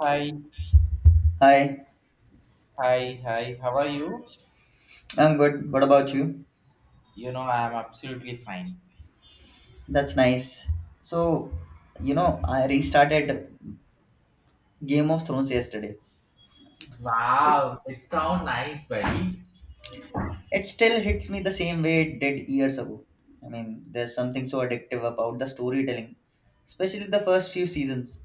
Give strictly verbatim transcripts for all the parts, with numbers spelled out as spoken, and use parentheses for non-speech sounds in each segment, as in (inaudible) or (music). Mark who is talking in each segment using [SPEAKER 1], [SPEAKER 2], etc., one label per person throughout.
[SPEAKER 1] Hi,
[SPEAKER 2] Hi,
[SPEAKER 1] hi, hi. How are you?
[SPEAKER 2] I'm good. What about you?
[SPEAKER 1] You know, I am absolutely fine.
[SPEAKER 2] That's nice. So, you know, I restarted Game of Thrones yesterday. It's,
[SPEAKER 1] Wow, it sounds nice, buddy.
[SPEAKER 2] it still hits me the same way it did years ago. I mean, there's something so addictive about the storytelling, especially the first few seasons.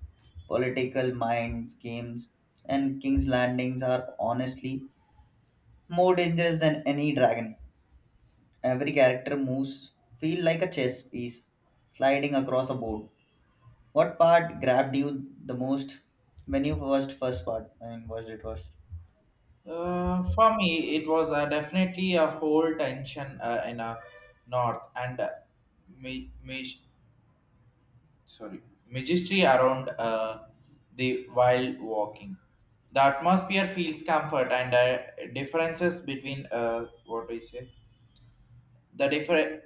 [SPEAKER 2] Political minds, games, and King's Landings are honestly more dangerous than any dragon. Every character moves feel like a chess piece sliding across a board. What part grabbed you the most when you watched first part? I mean, watched it first.
[SPEAKER 1] Uh, for me, it was uh, definitely a whole tension uh, in a north and uh, ma- ma- sorry majesty around uh, the wild walking. The atmosphere feels comfort and uh, differences between uh, what do you say the different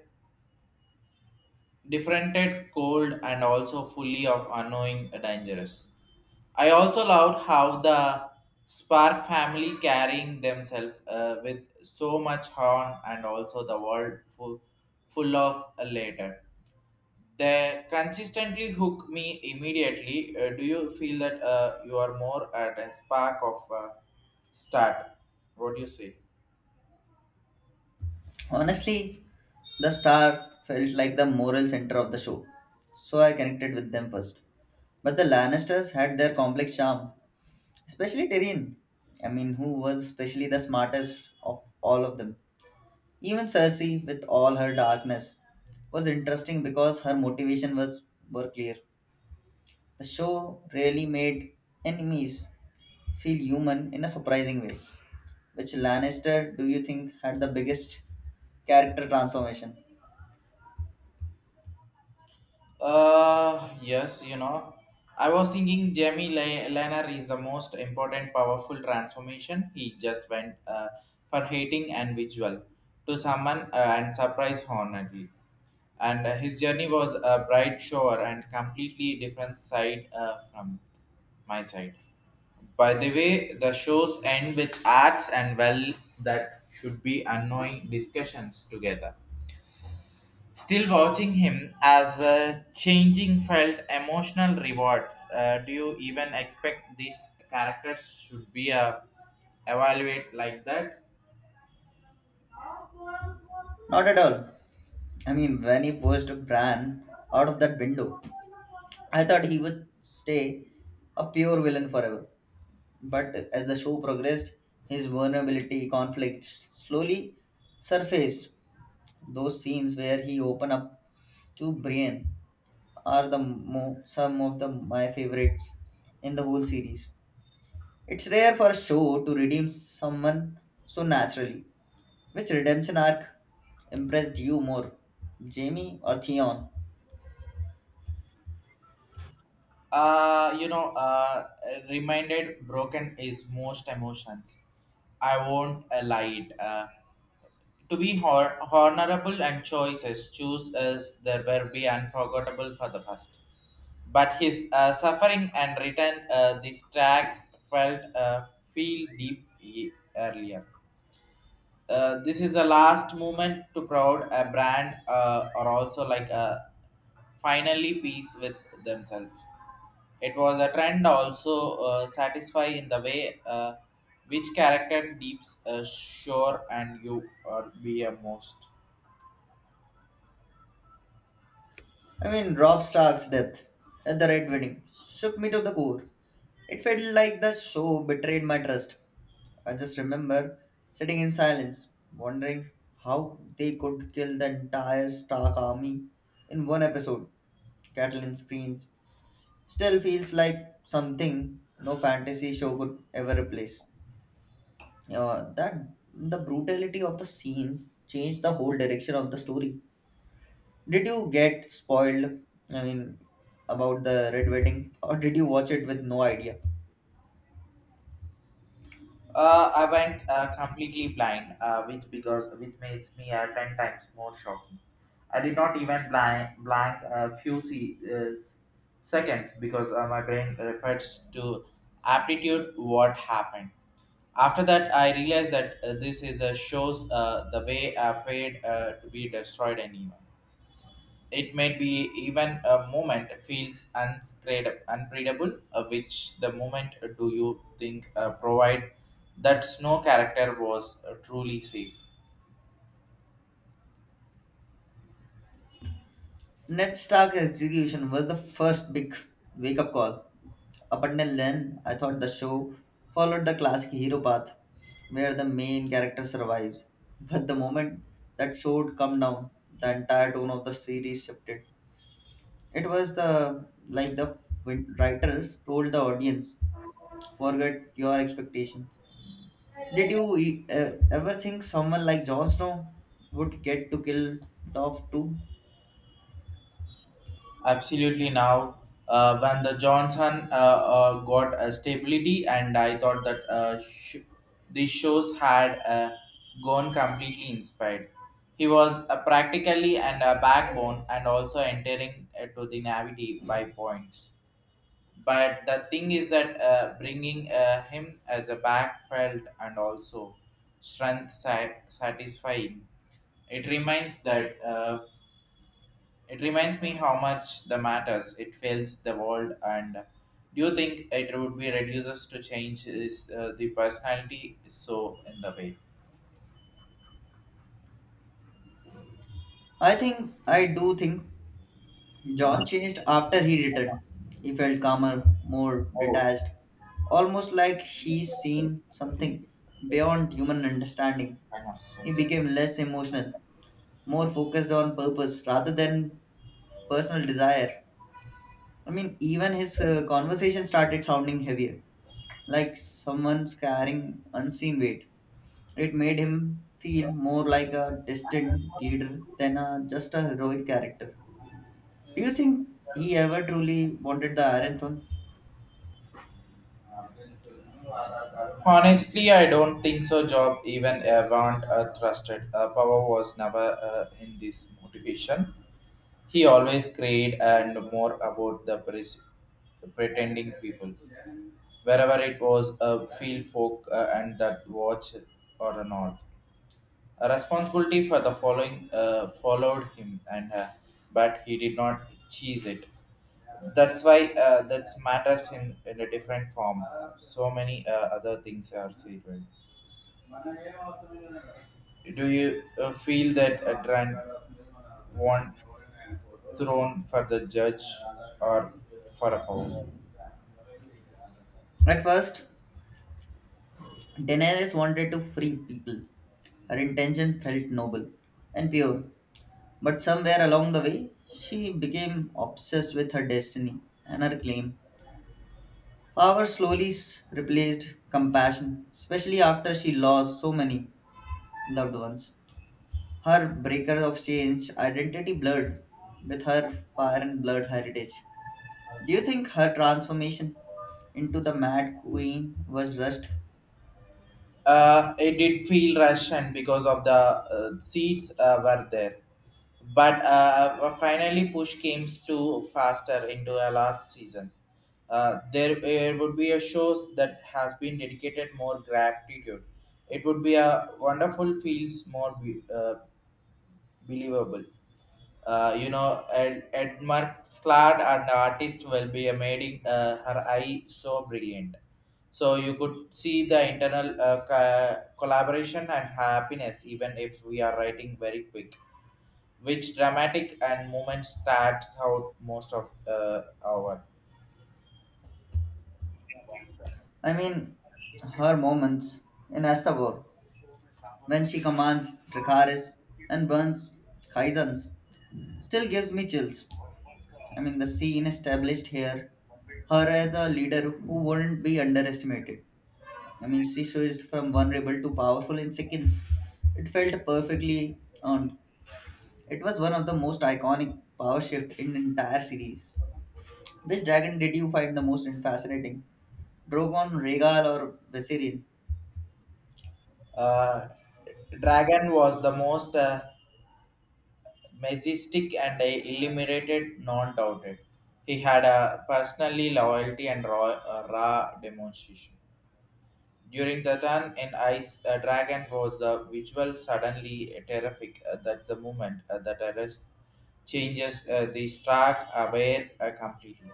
[SPEAKER 1] differented, cold, and also fully of unknowing dangerous. I also loved how the Spark family carrying themselves uh, with so much horn and also the world full, full of later. They consistently hook me immediately. Uh, do you feel that uh, you are more at a spark of uh, start? What do you say?
[SPEAKER 2] Honestly, the star felt like the moral center of the show, so I connected with them first. But the Lannisters had their complex charm, especially Tyrion. I mean, who was especially the smartest of all of them. Even Cersei, with all her darkness, was interesting because her motivation was were clear. The show really made enemies feel human in a surprising way. Which Lannister do you think had the biggest character transformation?
[SPEAKER 1] Uh, yes, you know, I was thinking Jamie Le- Lenner is the most important, powerful transformation. He just went uh, for hating and visual to someone uh, and surprise Honorly. And uh, his journey was a bright shore and completely different side uh, from my side. By the way, the shows end with acts and well that should be annoying discussions together. Still watching him as a changing felt emotional rewards. Uh, do you even expect these characters should be uh, evaluate like that?
[SPEAKER 2] Not at all. I mean, when he pushed Bran out of that window, I thought he would stay a pure villain forever. But as the show progressed, his vulnerability, conflict slowly surfaced. Those scenes where he opened up to Brienne are the mo- some of the my favorites in the whole series. It's rare for a show to redeem someone so naturally. Which redemption arc impressed you more, Jamie or Theon?
[SPEAKER 1] Uh, you know, uh, Reminded broken is most emotions. I won't uh, lie. It. Uh, to be hor- honorable and choices, choose as there will be unforgettable for the first, but his uh, suffering and return uh, this track felt uh, feel deep e- earlier. Uh, this is the last moment to proud a brand uh, or also like a finally peace with themselves. It was a trend also uh, satisfy in the way uh, which character deeps uh, sure and you or be a most.
[SPEAKER 2] I mean, Rob Stark's death at the Red Wedding shook me to the core. It felt like the show betrayed my trust. I just remember sitting in silence, wondering how they could kill the entire Stark army in one episode. Catelyn screams still feels like something no fantasy show could ever replace. Uh, that The brutality of the scene changed the whole direction of the story. Did you get spoiled? I mean, about the Red Wedding, or did you watch it with no idea?
[SPEAKER 1] Uh, I went uh, completely blind, uh, which because which makes me uh, ten times more shocking. I did not even blank blank a few se- uh, s- seconds because uh, my brain refers to aptitude what happened. After that, I realized that uh, this is a shows uh, the way I failed uh, to be destroyed anyway. It may be even a moment feels unscred- unpredictable, uh, which the moment uh, do you think uh, provide that snow character was uh, truly safe.
[SPEAKER 2] Ned Stark's execution was the first big wake up call. Up until then, I thought the show followed the classic hero path where the main character survives. But the moment that sword come down, the entire tone of the series shifted. It was the like the win- writers told the audience, forget your expectations. Did you e- uh, ever think someone like Jon Snow would get to kill off too?
[SPEAKER 1] Absolutely now, uh, when the Johnson uh, uh, got a stability, and I thought that uh, sh- the shows had uh, gone completely inspired. He was uh, practically and a backbone, and also entering uh, to the navity by points, but the thing is that uh, bringing uh, him as a back felt and also strength sat- satisfying. It reminds that uh, it reminds me how much the matters it fails the world, and do you think it would be reduces to change is uh, the personality so in the way?
[SPEAKER 2] I think I do think
[SPEAKER 1] Ama-
[SPEAKER 2] John changed after he returned. He felt calmer, more
[SPEAKER 1] oh
[SPEAKER 2] detached, almost like he's
[SPEAKER 1] the
[SPEAKER 2] seen
[SPEAKER 1] D J.
[SPEAKER 2] something beyond human understanding.
[SPEAKER 1] I must
[SPEAKER 2] He
[SPEAKER 1] change. it.
[SPEAKER 2] became less emotional, more focused on purpose rather than personal desire. I mean, even his uh, conversation started sounding heavier, like someone's carrying unseen weight. It made him feel more like a distant leader than a, just a heroic character. Do you think he ever truly wanted the Iron Throne?
[SPEAKER 1] Honestly, I don't think so. Job even Avant uh, trusted. Uh, power was never uh, in this motivation. He always created and more about the pres- pretending people. Wherever it was a field folk uh, and that watch or not. A responsibility for the following uh, followed him, and uh, but he did not cheese it. That's why uh, that matters in, in a different form. So many uh, other things are said. Do you uh, feel that a trend want thrown for the judge or for a power?
[SPEAKER 2] At first, Daenerys wanted to free people. Her intention felt noble and pure, but somewhere along the way, she became obsessed with her destiny and her claim. Power slowly s- replaced compassion, especially after she lost so many loved ones. Her breaker of change identity blurred with her fire and blood heritage. Do you think her transformation into the Mad Queen was rushed?
[SPEAKER 1] Uh, it did feel rushed, and because of the uh, seats uh, were there. But uh, uh, finally, push came to faster into a last season. Uh, there uh, would be a shows that has been dedicated more gratitude. It would be a wonderful feels more be- uh, believable. Uh, you know, Ed, Edmar Slad and artist will be amazing. Uh, her eye so brilliant. So you could see the internal uh, co- collaboration and happiness, even if we are writing very quick, which dramatic and moments that out most of uh, our.
[SPEAKER 2] I mean, her moments in Asavor, when she commands Dracaris and burns Kaisans, still gives me chills. I mean, the scene established here her as a leader who wouldn't be underestimated. I mean, she switched from vulnerable to powerful in seconds. It felt perfectly earned. It was one of the most iconic power shift in the entire series. Which dragon did you find the most fascinating? Drogon, Rhaegal, or Viserion?
[SPEAKER 1] Uh, Dragon was the most uh, majestic and illuminated, non-doubted. He had a personally loyalty and raw, a raw demonstration. During the turn in Ice, a dragon was the visual suddenly terrific. Uh, that's the moment uh, that arrest changes uh, the track aware uh, completely.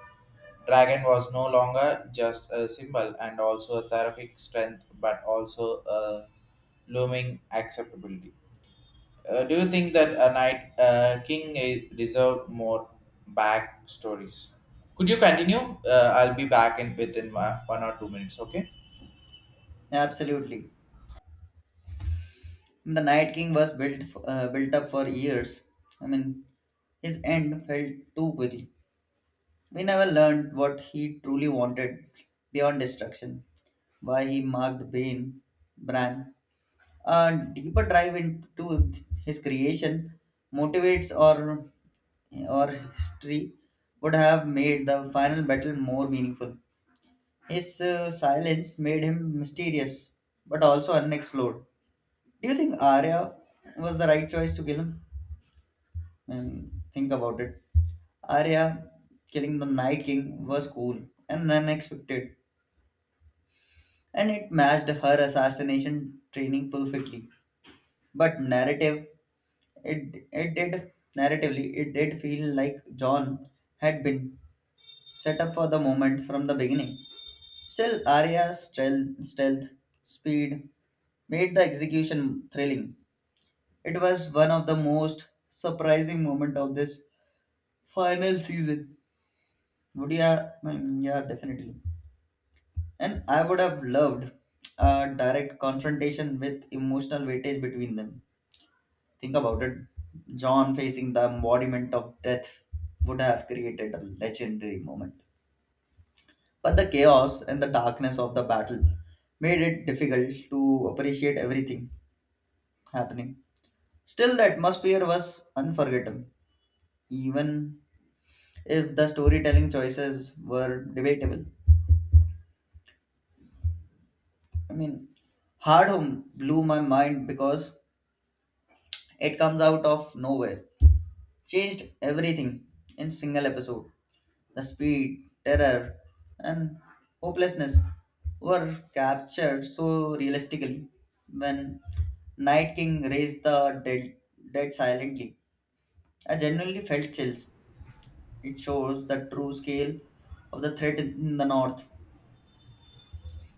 [SPEAKER 1] Dragon was no longer just a symbol and also a terrific strength, but also a looming acceptability. Uh, do you think that a knight, uh, king eh, deserved more back stories? Could you continue? Uh, I'll be back in within one one or two minutes. Okay.
[SPEAKER 2] Absolutely. The Night King was built f- uh, built up for years. I mean, his end fell too quickly. We never learned what he truly wanted beyond destruction. Why he marked Bane, Bran, a deeper dive into his creation motivates or or history would have made the final battle more meaningful. His uh, silence made him mysterious, but also unexplored. Do you think Arya was the right choice to kill him? And think about it. Arya killing the Night King was cool and unexpected, and it matched her assassination training perfectly. But narrative It, it did, Narratively, it did feel like John had been set up for the moment from the beginning. Still, Arya's stealth, stealth speed made the execution thrilling. It was one of the most surprising moments of this final season. Would ya? I mean, yeah, definitely. And I would have loved a direct confrontation with emotional weightage between them. Think about it. John facing the embodiment of death would have created a legendary moment. But the chaos and the darkness of the battle made it difficult to appreciate everything happening. Still, the atmosphere was unforgettable, even if the storytelling choices were debatable. I mean, Hard Home blew my mind because it comes out of nowhere, changed everything in single episode. The speed, terror, and hopelessness were captured so realistically when Night King raised the dead, dead silently. I genuinely felt chills. It shows the true scale of the threat in the north.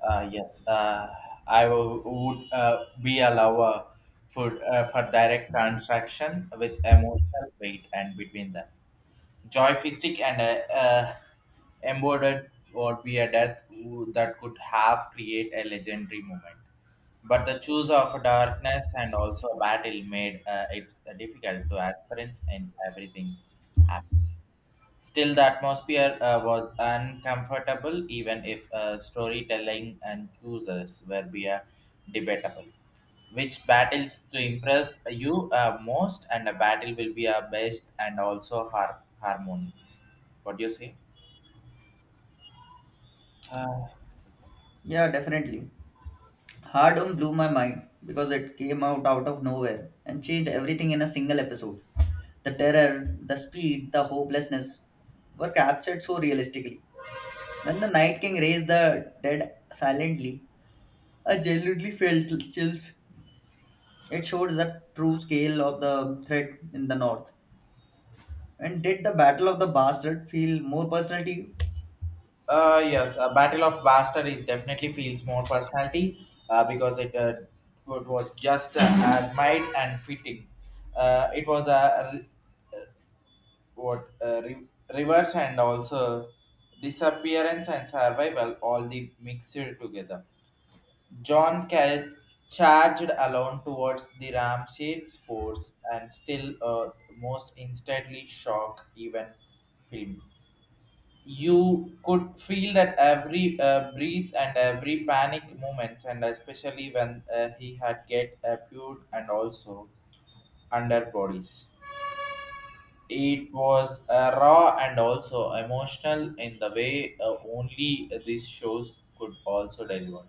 [SPEAKER 1] Uh, yes, uh, I w- would uh, be a lover for uh, for direct transaction with emotional weight and between them. Joystick and a, a embodied or be a death who- that could have create a legendary moment. But the choice of darkness and also battle made uh, it difficult to experience and everything. Still, the atmosphere uh, was uncomfortable, even if uh, storytelling and choices were be, uh, debatable. Which battles to impress you uh, most, and a battle will be our best and also har- harmonies. What do you say? Uh,
[SPEAKER 2] Yeah, definitely. Hardom blew my mind because it came out out of nowhere and changed everything in a single episode. The terror, the speed, the hopelessness were captured so realistically. When the Night King raised the dead silently, I genuinely felt chills. It showed the true scale of the threat in the north. And did the Battle of the Bastard feel more personal to you?
[SPEAKER 1] uh, yes, a Battle of Bastard is definitely feels more personality uh, because it, uh, it was just uh, admired and fitting. Uh, it was a what uh, re- rivers and also disappearance and survival all the mixed together. John Ca- Charged alone towards the ram shaped force and still uh, most instantly shock even film. You could feel that every uh, breath and every panic moments, and especially when uh, he had get appeared and also underbodies. It was uh, raw and also emotional in the way uh, only these shows could also deliver.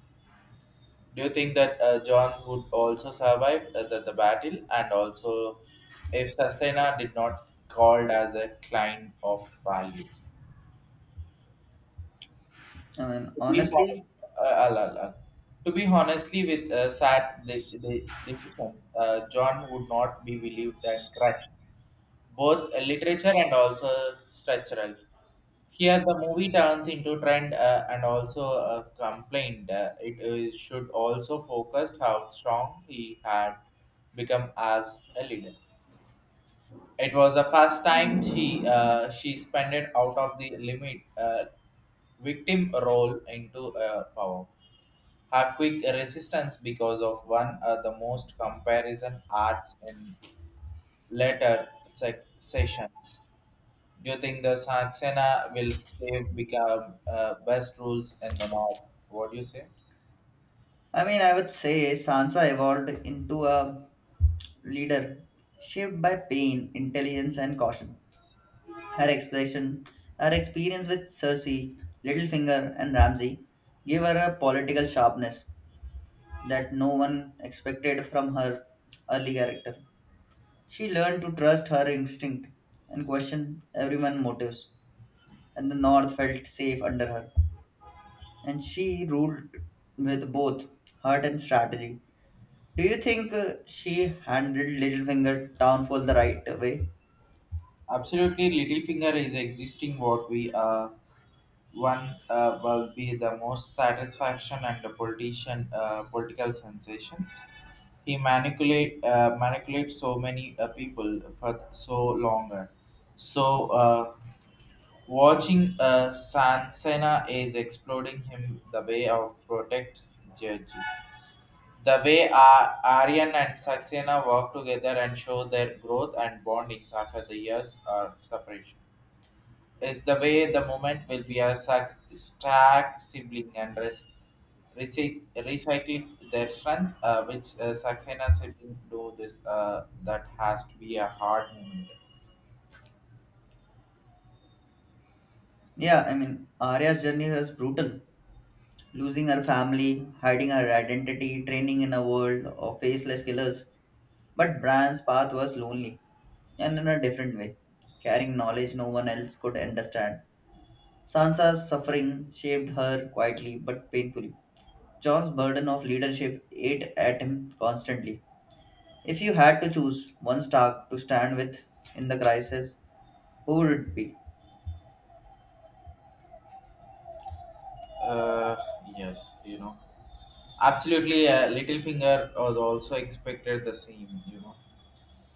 [SPEAKER 1] Do you think that uh, John would also survive uh, the, the battle and also if Sustaina did not called as a client of values?
[SPEAKER 2] I mean,
[SPEAKER 1] To be
[SPEAKER 2] honestly,
[SPEAKER 1] honest, uh, I'll- I'll- I'll- to be honestly with uh, sad the, the decisions, uh, John would not be believed and crushed, both uh, literature and also structural. Here, the movie turns into trend uh, and also uh, complained. Uh, it is- should also focus how strong he had become as a leader. It was the first time she uh, she spent it out of the limit uh, victim role into uh, power. Her quick resistance because of one of the most comparison arts in later sec- sessions. Do you think the Saxena will save become uh, best rules in the north? What do you say?
[SPEAKER 2] I mean, I would say Sansa evolved into a leader shaped by pain, intelligence, and caution. Her expression, her experience with Cersei, Littlefinger, and Ramsay gave her a political sharpness that no one expected from her early character. She learned to trust her instinct and question everyone's motives, and the North felt safe under her. And she ruled with both heart and strategy. Do you think uh, she handled Littlefinger downfall the right way?
[SPEAKER 1] Absolutely, Littlefinger is existing what we are. One uh, will be the most satisfaction and the politician uh, political sensations. He manipulate uh, manipulate so many uh, people for so longer. So uh, watching uh, Sansena is exploding him the way of protects judge. The way Ar- Aryan and Saxena work together and show their growth and bondings after the years of separation is the way the moment will be a sac- stack sibling and res- recy- recycling their strength, uh, which uh, Saxena sibling do this. Uh, that has to be a hard moment.
[SPEAKER 2] Yeah, I mean, Arya's journey was brutal. Losing her family, hiding her identity, training in a world of faceless killers. But Bran's path was lonely, and in a different way, carrying knowledge no one else could understand. Sansa's suffering shaped her quietly but painfully. John's burden of leadership ate at him constantly. If you had to choose one Stark to stand with in the crisis, who would it be?
[SPEAKER 1] Uh, yes, you know, absolutely. Uh, Littlefinger was also expected the same. You know,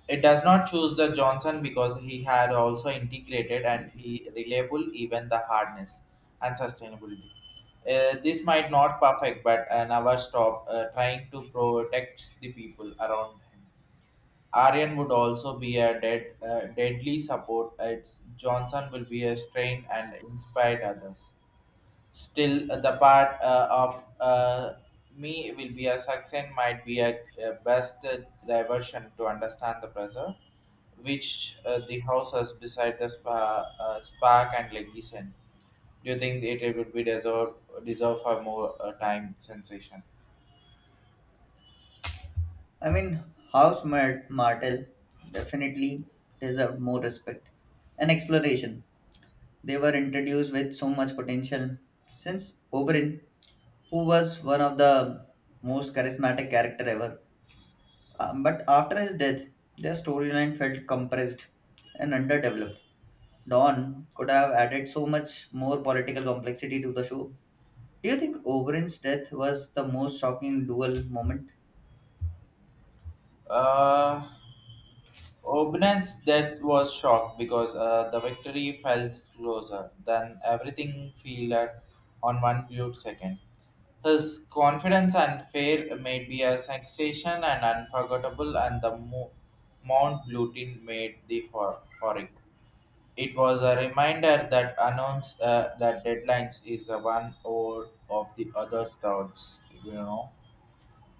[SPEAKER 1] it does not choose the Johnson because he had also integrated and he reliable even the hardness and sustainability. Uh, this might not perfect, but uh, never stop uh, trying to protect the people around him. Aryan would also be a dead, uh, deadly support. It's Johnson will be a strain and inspire others. Still, uh, the part uh, of uh, me will be a success might be a, a best uh, diversion to understand the pressure, which uh, the house has beside the spa, uh, spark and legation. Do you think it, it would be deserve deserve for more uh, time sensation?
[SPEAKER 2] I mean, House Mar- Martell definitely deserved more respect and exploration. They were introduced with so much potential. Since Oberyn, who was one of the most charismatic character ever. Um, but after his death, their storyline felt compressed and underdeveloped. Dawn could have added so much more political complexity to the show. Do you think Oberyn's death was the most shocking duel moment?
[SPEAKER 1] Uh, Obnan's death was shocked because uh, the victory felt closer than everything felt at on one viewed second. His confidence and fear made be a sensation and unforgettable, and the Mo- Mount Blutin made the hor- horric. It was a reminder that announce uh, that deadlines is a one or of the other thoughts. You know,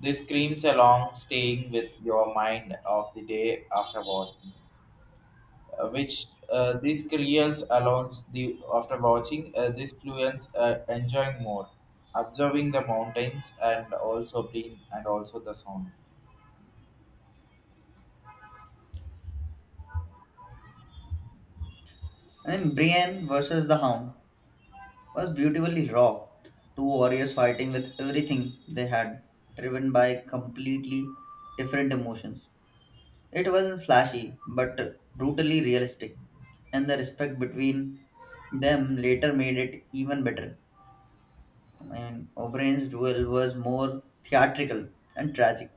[SPEAKER 1] this screams along, staying with your mind of the day after watching, uh, which uh, these creels allows the after watching uh, these fluents uh, enjoying more observing the mountains and also being and also the sound.
[SPEAKER 2] I mean, Brienne versus the Hound was beautifully raw. Two warriors fighting with everything they had, driven by completely different emotions. It wasn't flashy, but brutally realistic, and the respect between them later made it even better. And O'Brien's duel was more theatrical and tragic,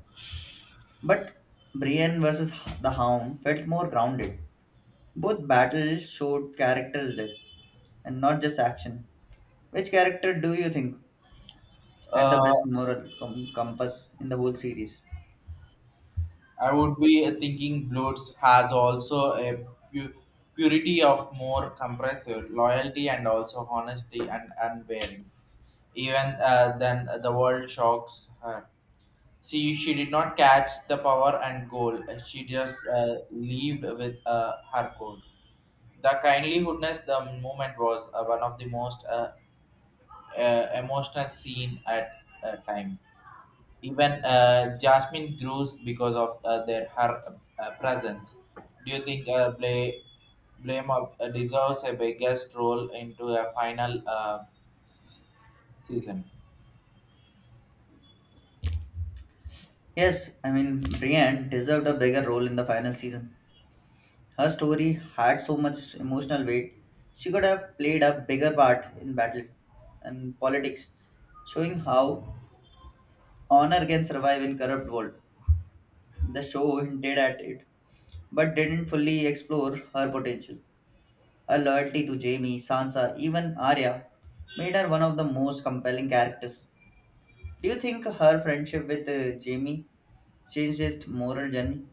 [SPEAKER 2] but Brienne versus the Hound felt more grounded. Both battles showed character's depth and not just action. Which character do you think had the best
[SPEAKER 1] uh,
[SPEAKER 2] moral com- compass in the whole series?
[SPEAKER 1] I would be uh, thinking bloods has also a pu- purity of more compressive loyalty and also honesty and unbearing even uh, than the world shocks her. See, she did not catch the power and goal. She just uh, lived with uh, her code. The kindlyhoodness, the moment was uh, one of the most uh, uh, emotional scene at uh, time. Even uh, Jasmine grows because of uh, their her uh, presence. Do you think uh, Blay, Blame of, uh, deserves a biggest role into a final uh, s- season?
[SPEAKER 2] Yes, I mean, Brienne deserved a bigger role in the final season. Her story had so much emotional weight, she could have played a bigger part in battle and politics, showing how Honor can survive in corrupt world. The show hinted at it, but didn't fully explore her potential. Her loyalty to Jamie, Sansa, even Arya made her one of the most compelling characters. Do you think her friendship with uh, Jamie changed his moral journey?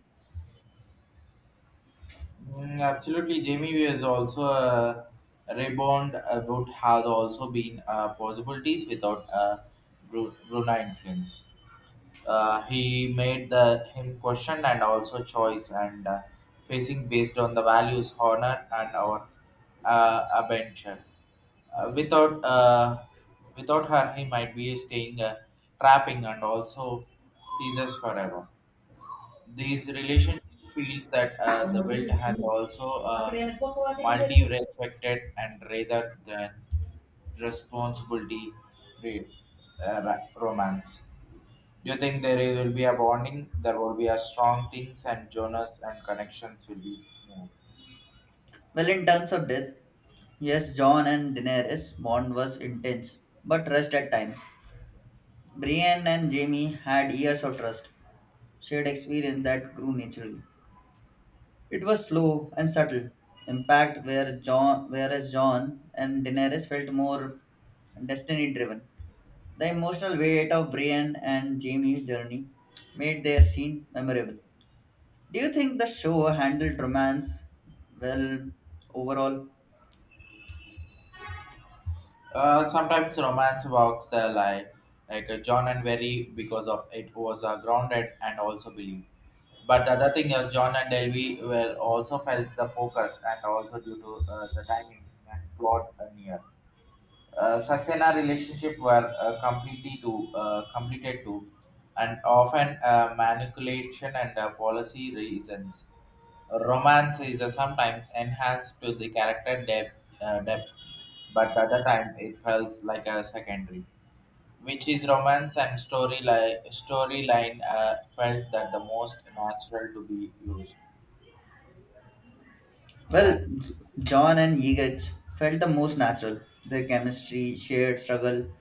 [SPEAKER 1] Mm, absolutely, Jamie. We has also uh, rebound about has also been uh, possibilities without uh, Bru- Brunei influence. Uh, he made the him question and also choice and uh, facing based on the values, honor, and our uh, adventure. Uh, without uh, without her, he might be staying uh, trapping and also teases forever. These relationship feels that uh, the build has also uh, multi-respected and rather than responsibility read uh, ra- romance. You think there will be a bonding, there will be a strong things and Jonas and connections will be more.
[SPEAKER 2] Well, in terms of death, yes, John and Daenerys' bond was intense, but rushed at times. Brienne and Jamie had years of trust, shared experience that grew naturally. It was slow and subtle impact, where John, whereas John and Daenerys felt more destiny-driven. The emotional weight of Brienne and Jamie's journey made their scene memorable. Do you think the show handled romance well overall?
[SPEAKER 1] Uh, sometimes romance works uh, like like uh, John and Very because of it was uh, grounded and also believed. But the other thing is John and Delvey were also felt the focus and also due to uh, the timing and plot uh, near uh, Saxena relationship were uh, completely to uh, completed to, and often uh, manipulation and uh, policy reasons. Romance is uh, sometimes enhanced to the character depth, uh, depth, but other time it feels like a secondary which is romance and storyline storyline uh, felt that the most natural to be used.
[SPEAKER 2] Well, John and Ygritte felt the most natural. Their chemistry, shared struggle,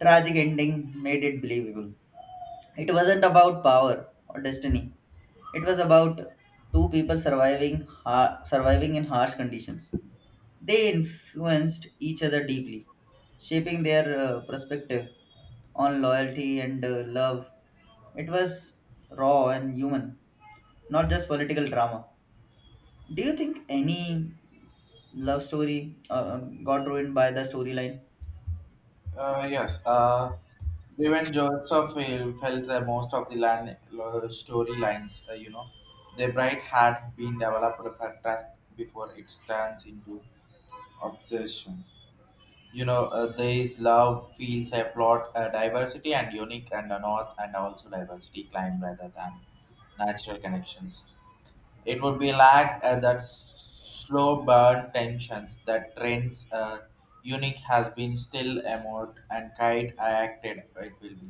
[SPEAKER 2] tragic ending made it believable. It wasn't about power or destiny. It was about two people surviving har- surviving in harsh conditions. They influenced each other deeply, shaping their uh, perspective on loyalty and uh, love. It was raw and human, not just political drama. Do you think any love story uh, got ruined by the storyline?
[SPEAKER 1] Uh, yes. Uh, even Joseph uh, felt that most of the line lo- storylines, uh, you know, the bright had been developed for trust before it turns into obsession. You know, uh, there is love, feels a plot, uh, diversity and unique and a north and also diversity climb rather than natural connections. It would be like uh, that slow burn tensions that trends uh, unique has been still emote and kite I acted it will be.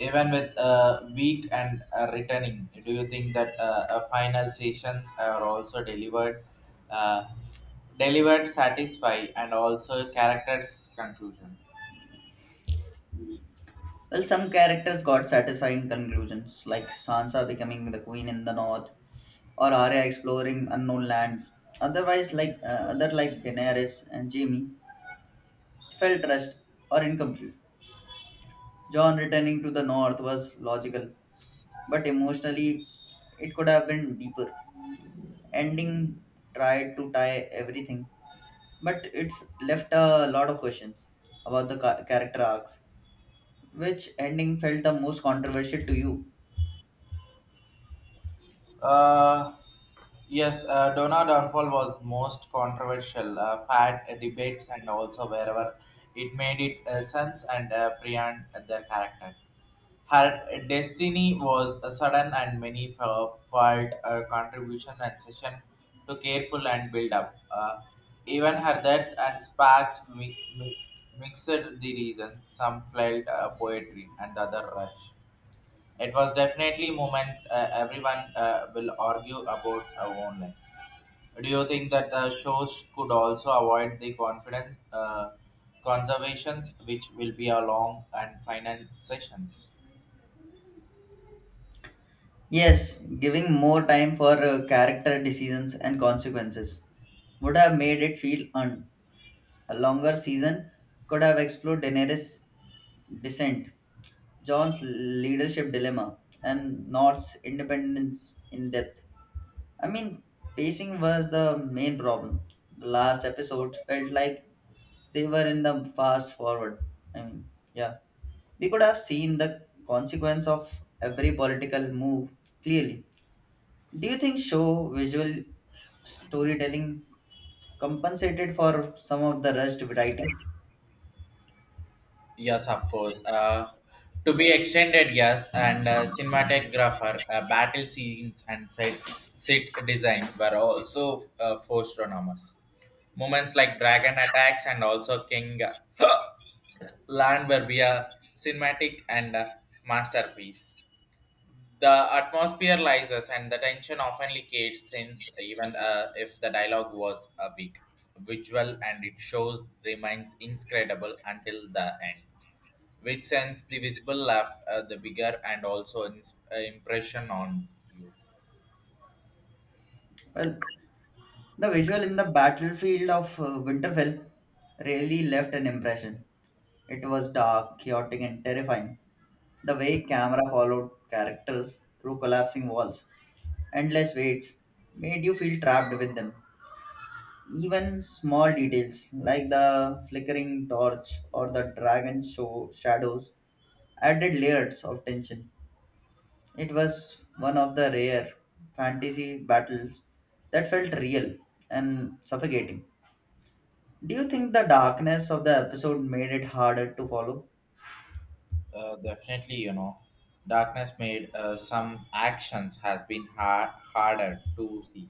[SPEAKER 1] Even with uh, weak and uh, returning, do you think that uh, uh, final sessions are also delivered uh, delivered satisfy and also characters conclusion?
[SPEAKER 2] Well, some characters got satisfying conclusions, like Sansa becoming the queen in the north, or Arya exploring unknown lands. Otherwise, like uh, other like Daenerys and Jaime, felt rushed or incomplete. John returning to the north was logical, but emotionally, it could have been deeper. Ending tried to tie everything, but it f- left a lot of questions about the ca- character arcs. Which ending felt the most controversial to you?
[SPEAKER 1] Uh, yes, uh, Donna downfall was most controversial. Uh, fat uh, debates and also wherever it made it uh, sense and uh, Priyan uh, their character. Her destiny was a sudden and many fo- felt a contribution and session to careful and build up. Uh, even her death and sparks mi- mi- mixed the reasons. Some felt uh, poetry and the other rush. It was definitely moment uh, everyone uh, will argue about uh, online. Do you think that the shows could also avoid the confidence uh, conservations, which will be a long and final sessions?
[SPEAKER 2] Yes, giving more time for uh, character decisions and consequences would have made it feel earned. A longer season could have explored Daenerys' descent, John's leadership dilemma, and North's independence in depth. I mean, pacing was the main problem. The last episode felt like they were in the fast forward. I mean, yeah. We could have seen the consequence of every political move clearly. Do you think show visual storytelling compensated for some of the rushed writing?
[SPEAKER 1] Yes, of course. Uh, to be extended, yes, and uh, cinematographer, uh, battle scenes, and set, set design were also uh, forced on. Moments like dragon attacks and also king (gasps) Land Verbia, cinematic and uh, masterpiece. The atmosphere rises and the tension often leakates since even uh, if the dialogue was a big visual and it shows remains incredible until the end, which sends the visible left uh, the bigger and also ins- uh, impression on you.
[SPEAKER 2] Well, the visual in the battlefield of uh, Winterfell really left an impression. It was dark, chaotic, and terrifying. The way camera followed characters through collapsing walls, endless waits, made you feel trapped with them. Even small details like the flickering torch or the dragon show shadows added layers of tension. It was one of the rare fantasy battles that felt real and suffocating. Do you think the darkness of the episode made it harder to follow?
[SPEAKER 1] Uh, definitely, you know, darkness made uh, some actions has been hard harder to see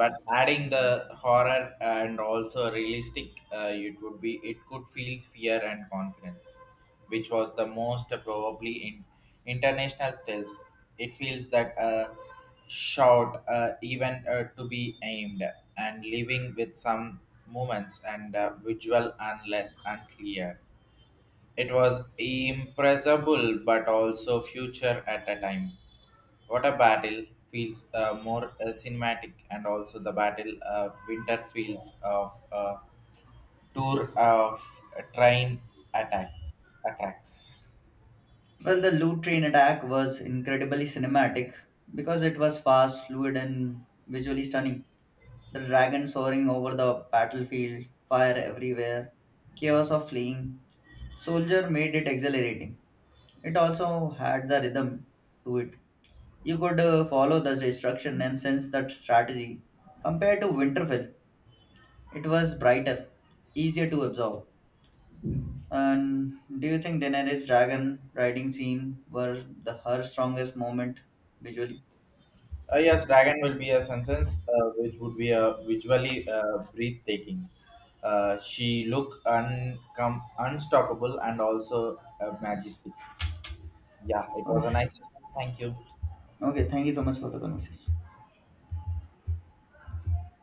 [SPEAKER 1] but adding the horror and also realistic uh, it would be it could feel fear and confidence which was the most probably in international styles. It feels that uh, shot uh, even uh, to be aimed and leaving with some moments and uh, visual unle- unclear. It was impressible but also future at a time what a battle feels uh, more uh, cinematic, and also the battle uh, winter feels of uh, tour of uh, train attacks attacks.
[SPEAKER 2] Well, the loot train attack was incredibly cinematic because it was fast, fluid, and visually stunning. The dragon soaring over the battlefield, fire everywhere, chaos of fleeing. Soldier made it exhilarating. It also had the rhythm to it. You could uh, follow the instruction and sense that strategy. Compared to Winterfell, it was brighter, easier to absorb. And do you think Daenerys' dragon riding scene were the her strongest moment visually?
[SPEAKER 1] Uh, yes, dragon will be a sentence uh, which would be a visually uh, breathtaking. Uh, she look uncom- unstoppable and also uh, majestic. Yeah, it was a
[SPEAKER 2] Okay,
[SPEAKER 1] nice. Thank you.
[SPEAKER 2] okay thank you so much for the conversation.